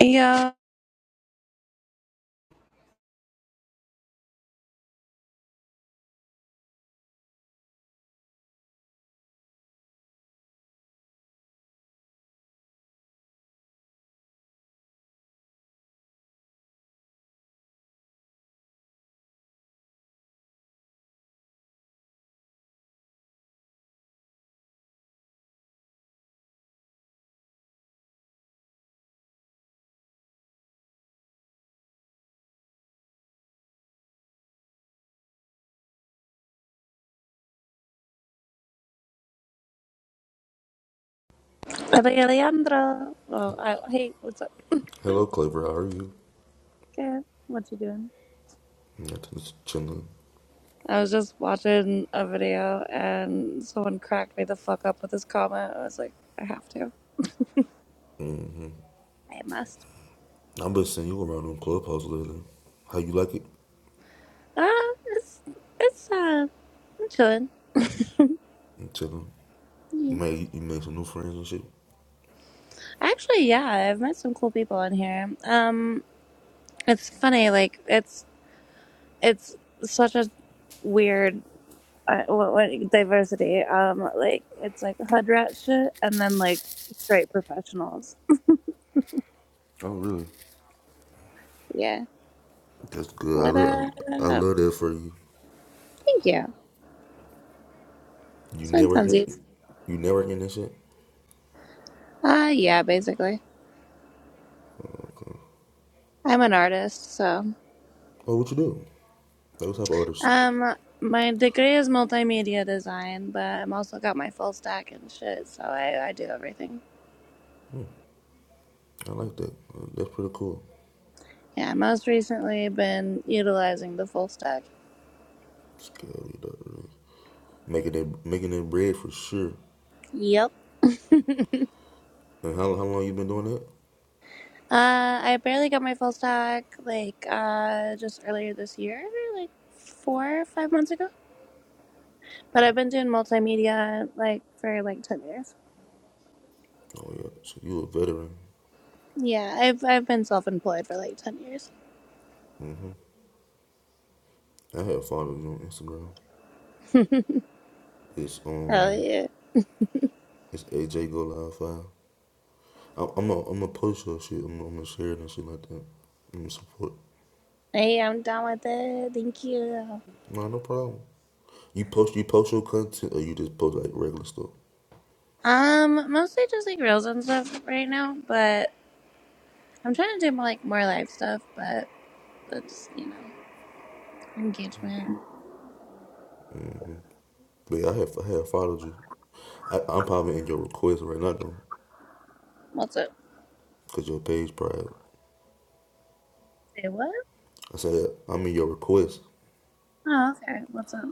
Yeah, Hello, Alejandra. Oh, I, hey, what's up, Hello, Clever. How are you? Kat? What you doing? Nothing, just chilling. I was just watching a video and someone cracked me the fuck up with this comment. I was like, I have to. I must. I've been seeing you around on Clubhouse lately. How you like it? Ah, it's, it's, uh, I'm chilling. I'm chilling. You Yeah. made you made some new friends and shit. Actually, yeah, I've met some cool people on here. Um, it's funny, like, it's, it's such a weird, uh, what, what, diversity. Um, like, it's like hood rat shit and then, like, straight professionals. Oh, really? Yeah. That's good. I What love I, I up? love that for you. Thank you. You It's been networking, funsies. you networking and shit. Uh, yeah, basically. I'm an artist, so. Oh, what you do? Those type of artists. Um, my degree is multimedia design, but I'm also got my full stack and shit, so I, I do everything. I like that. Uh, That's pretty cool. Yeah, most recently been utilizing the full stack. Scary dog. Making that making that bread for sure. Yep. uh, And how how long you been doing that? I barely got my full stack, like, uh, just earlier this year, like four or five months ago. But I've been doing multimedia, like, for like 10 years. Oh yeah. So you a veteran. Yeah, I've I've been self employed for like ten years. hmm I have followed you on Instagram. It's Oh um yeah. It's AJ Go Live Five. I'm I'm gonna I'm gonna post your shit. I'm, I'm gonna share it and shit like that. I'm gonna support. Hey, I'm done with it. Thank you. Nah, no problem. You post you post your content or you just post like regular stuff. Um, mostly just like reels and stuff right now, but I'm trying to do more like more live stuff, but that's you know, engagement. But yeah, I have I have followed you. I, I'm probably in your request right now though, What's up? cause your page private. Say what? I said I'm in your request. Oh, okay. What's up?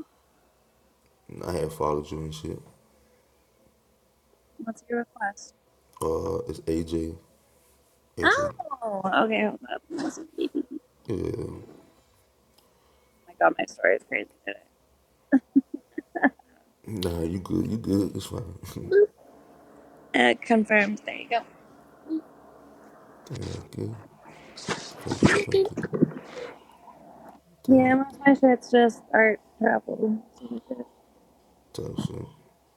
I have followed you and shit. What's your request? Uh, it's AJ AJ. Oh okay, hold up. What's up, baby? Oh Yeah. my god, my story is crazy Nah, you good. You good. It's fine. today. Uh confirmed. There you go. thank you. Thank you. Thank you. Thank Yeah, you. most of my shit's just art travel. Super shit. Type shit.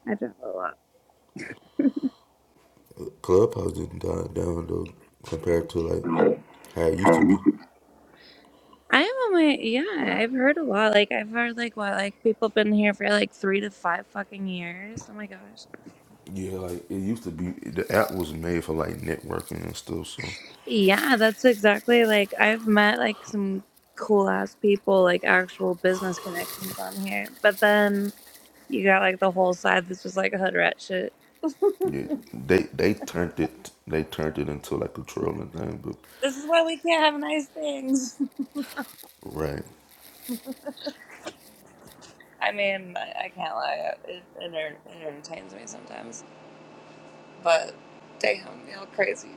I travel Clubhouse didn't die down though, compared to like a how it used to be. lot. I am on my yeah. I've heard a lot. Like I've heard like what like people been here for like three to five fucking years. Oh my gosh. Yeah, like it used to be. The app was made for like networking and stuff. So Yeah, that's exactly like I've met like some cool ass people, like actual business connections on here. But then you got like the whole side that's just like hood rat shit. yeah, they they turned it they turned it into like a trolling thing. But This is why we can't have nice things. right, I mean, I, I can't lie. It, it, enter- it entertains me sometimes. But damn, y'all crazy.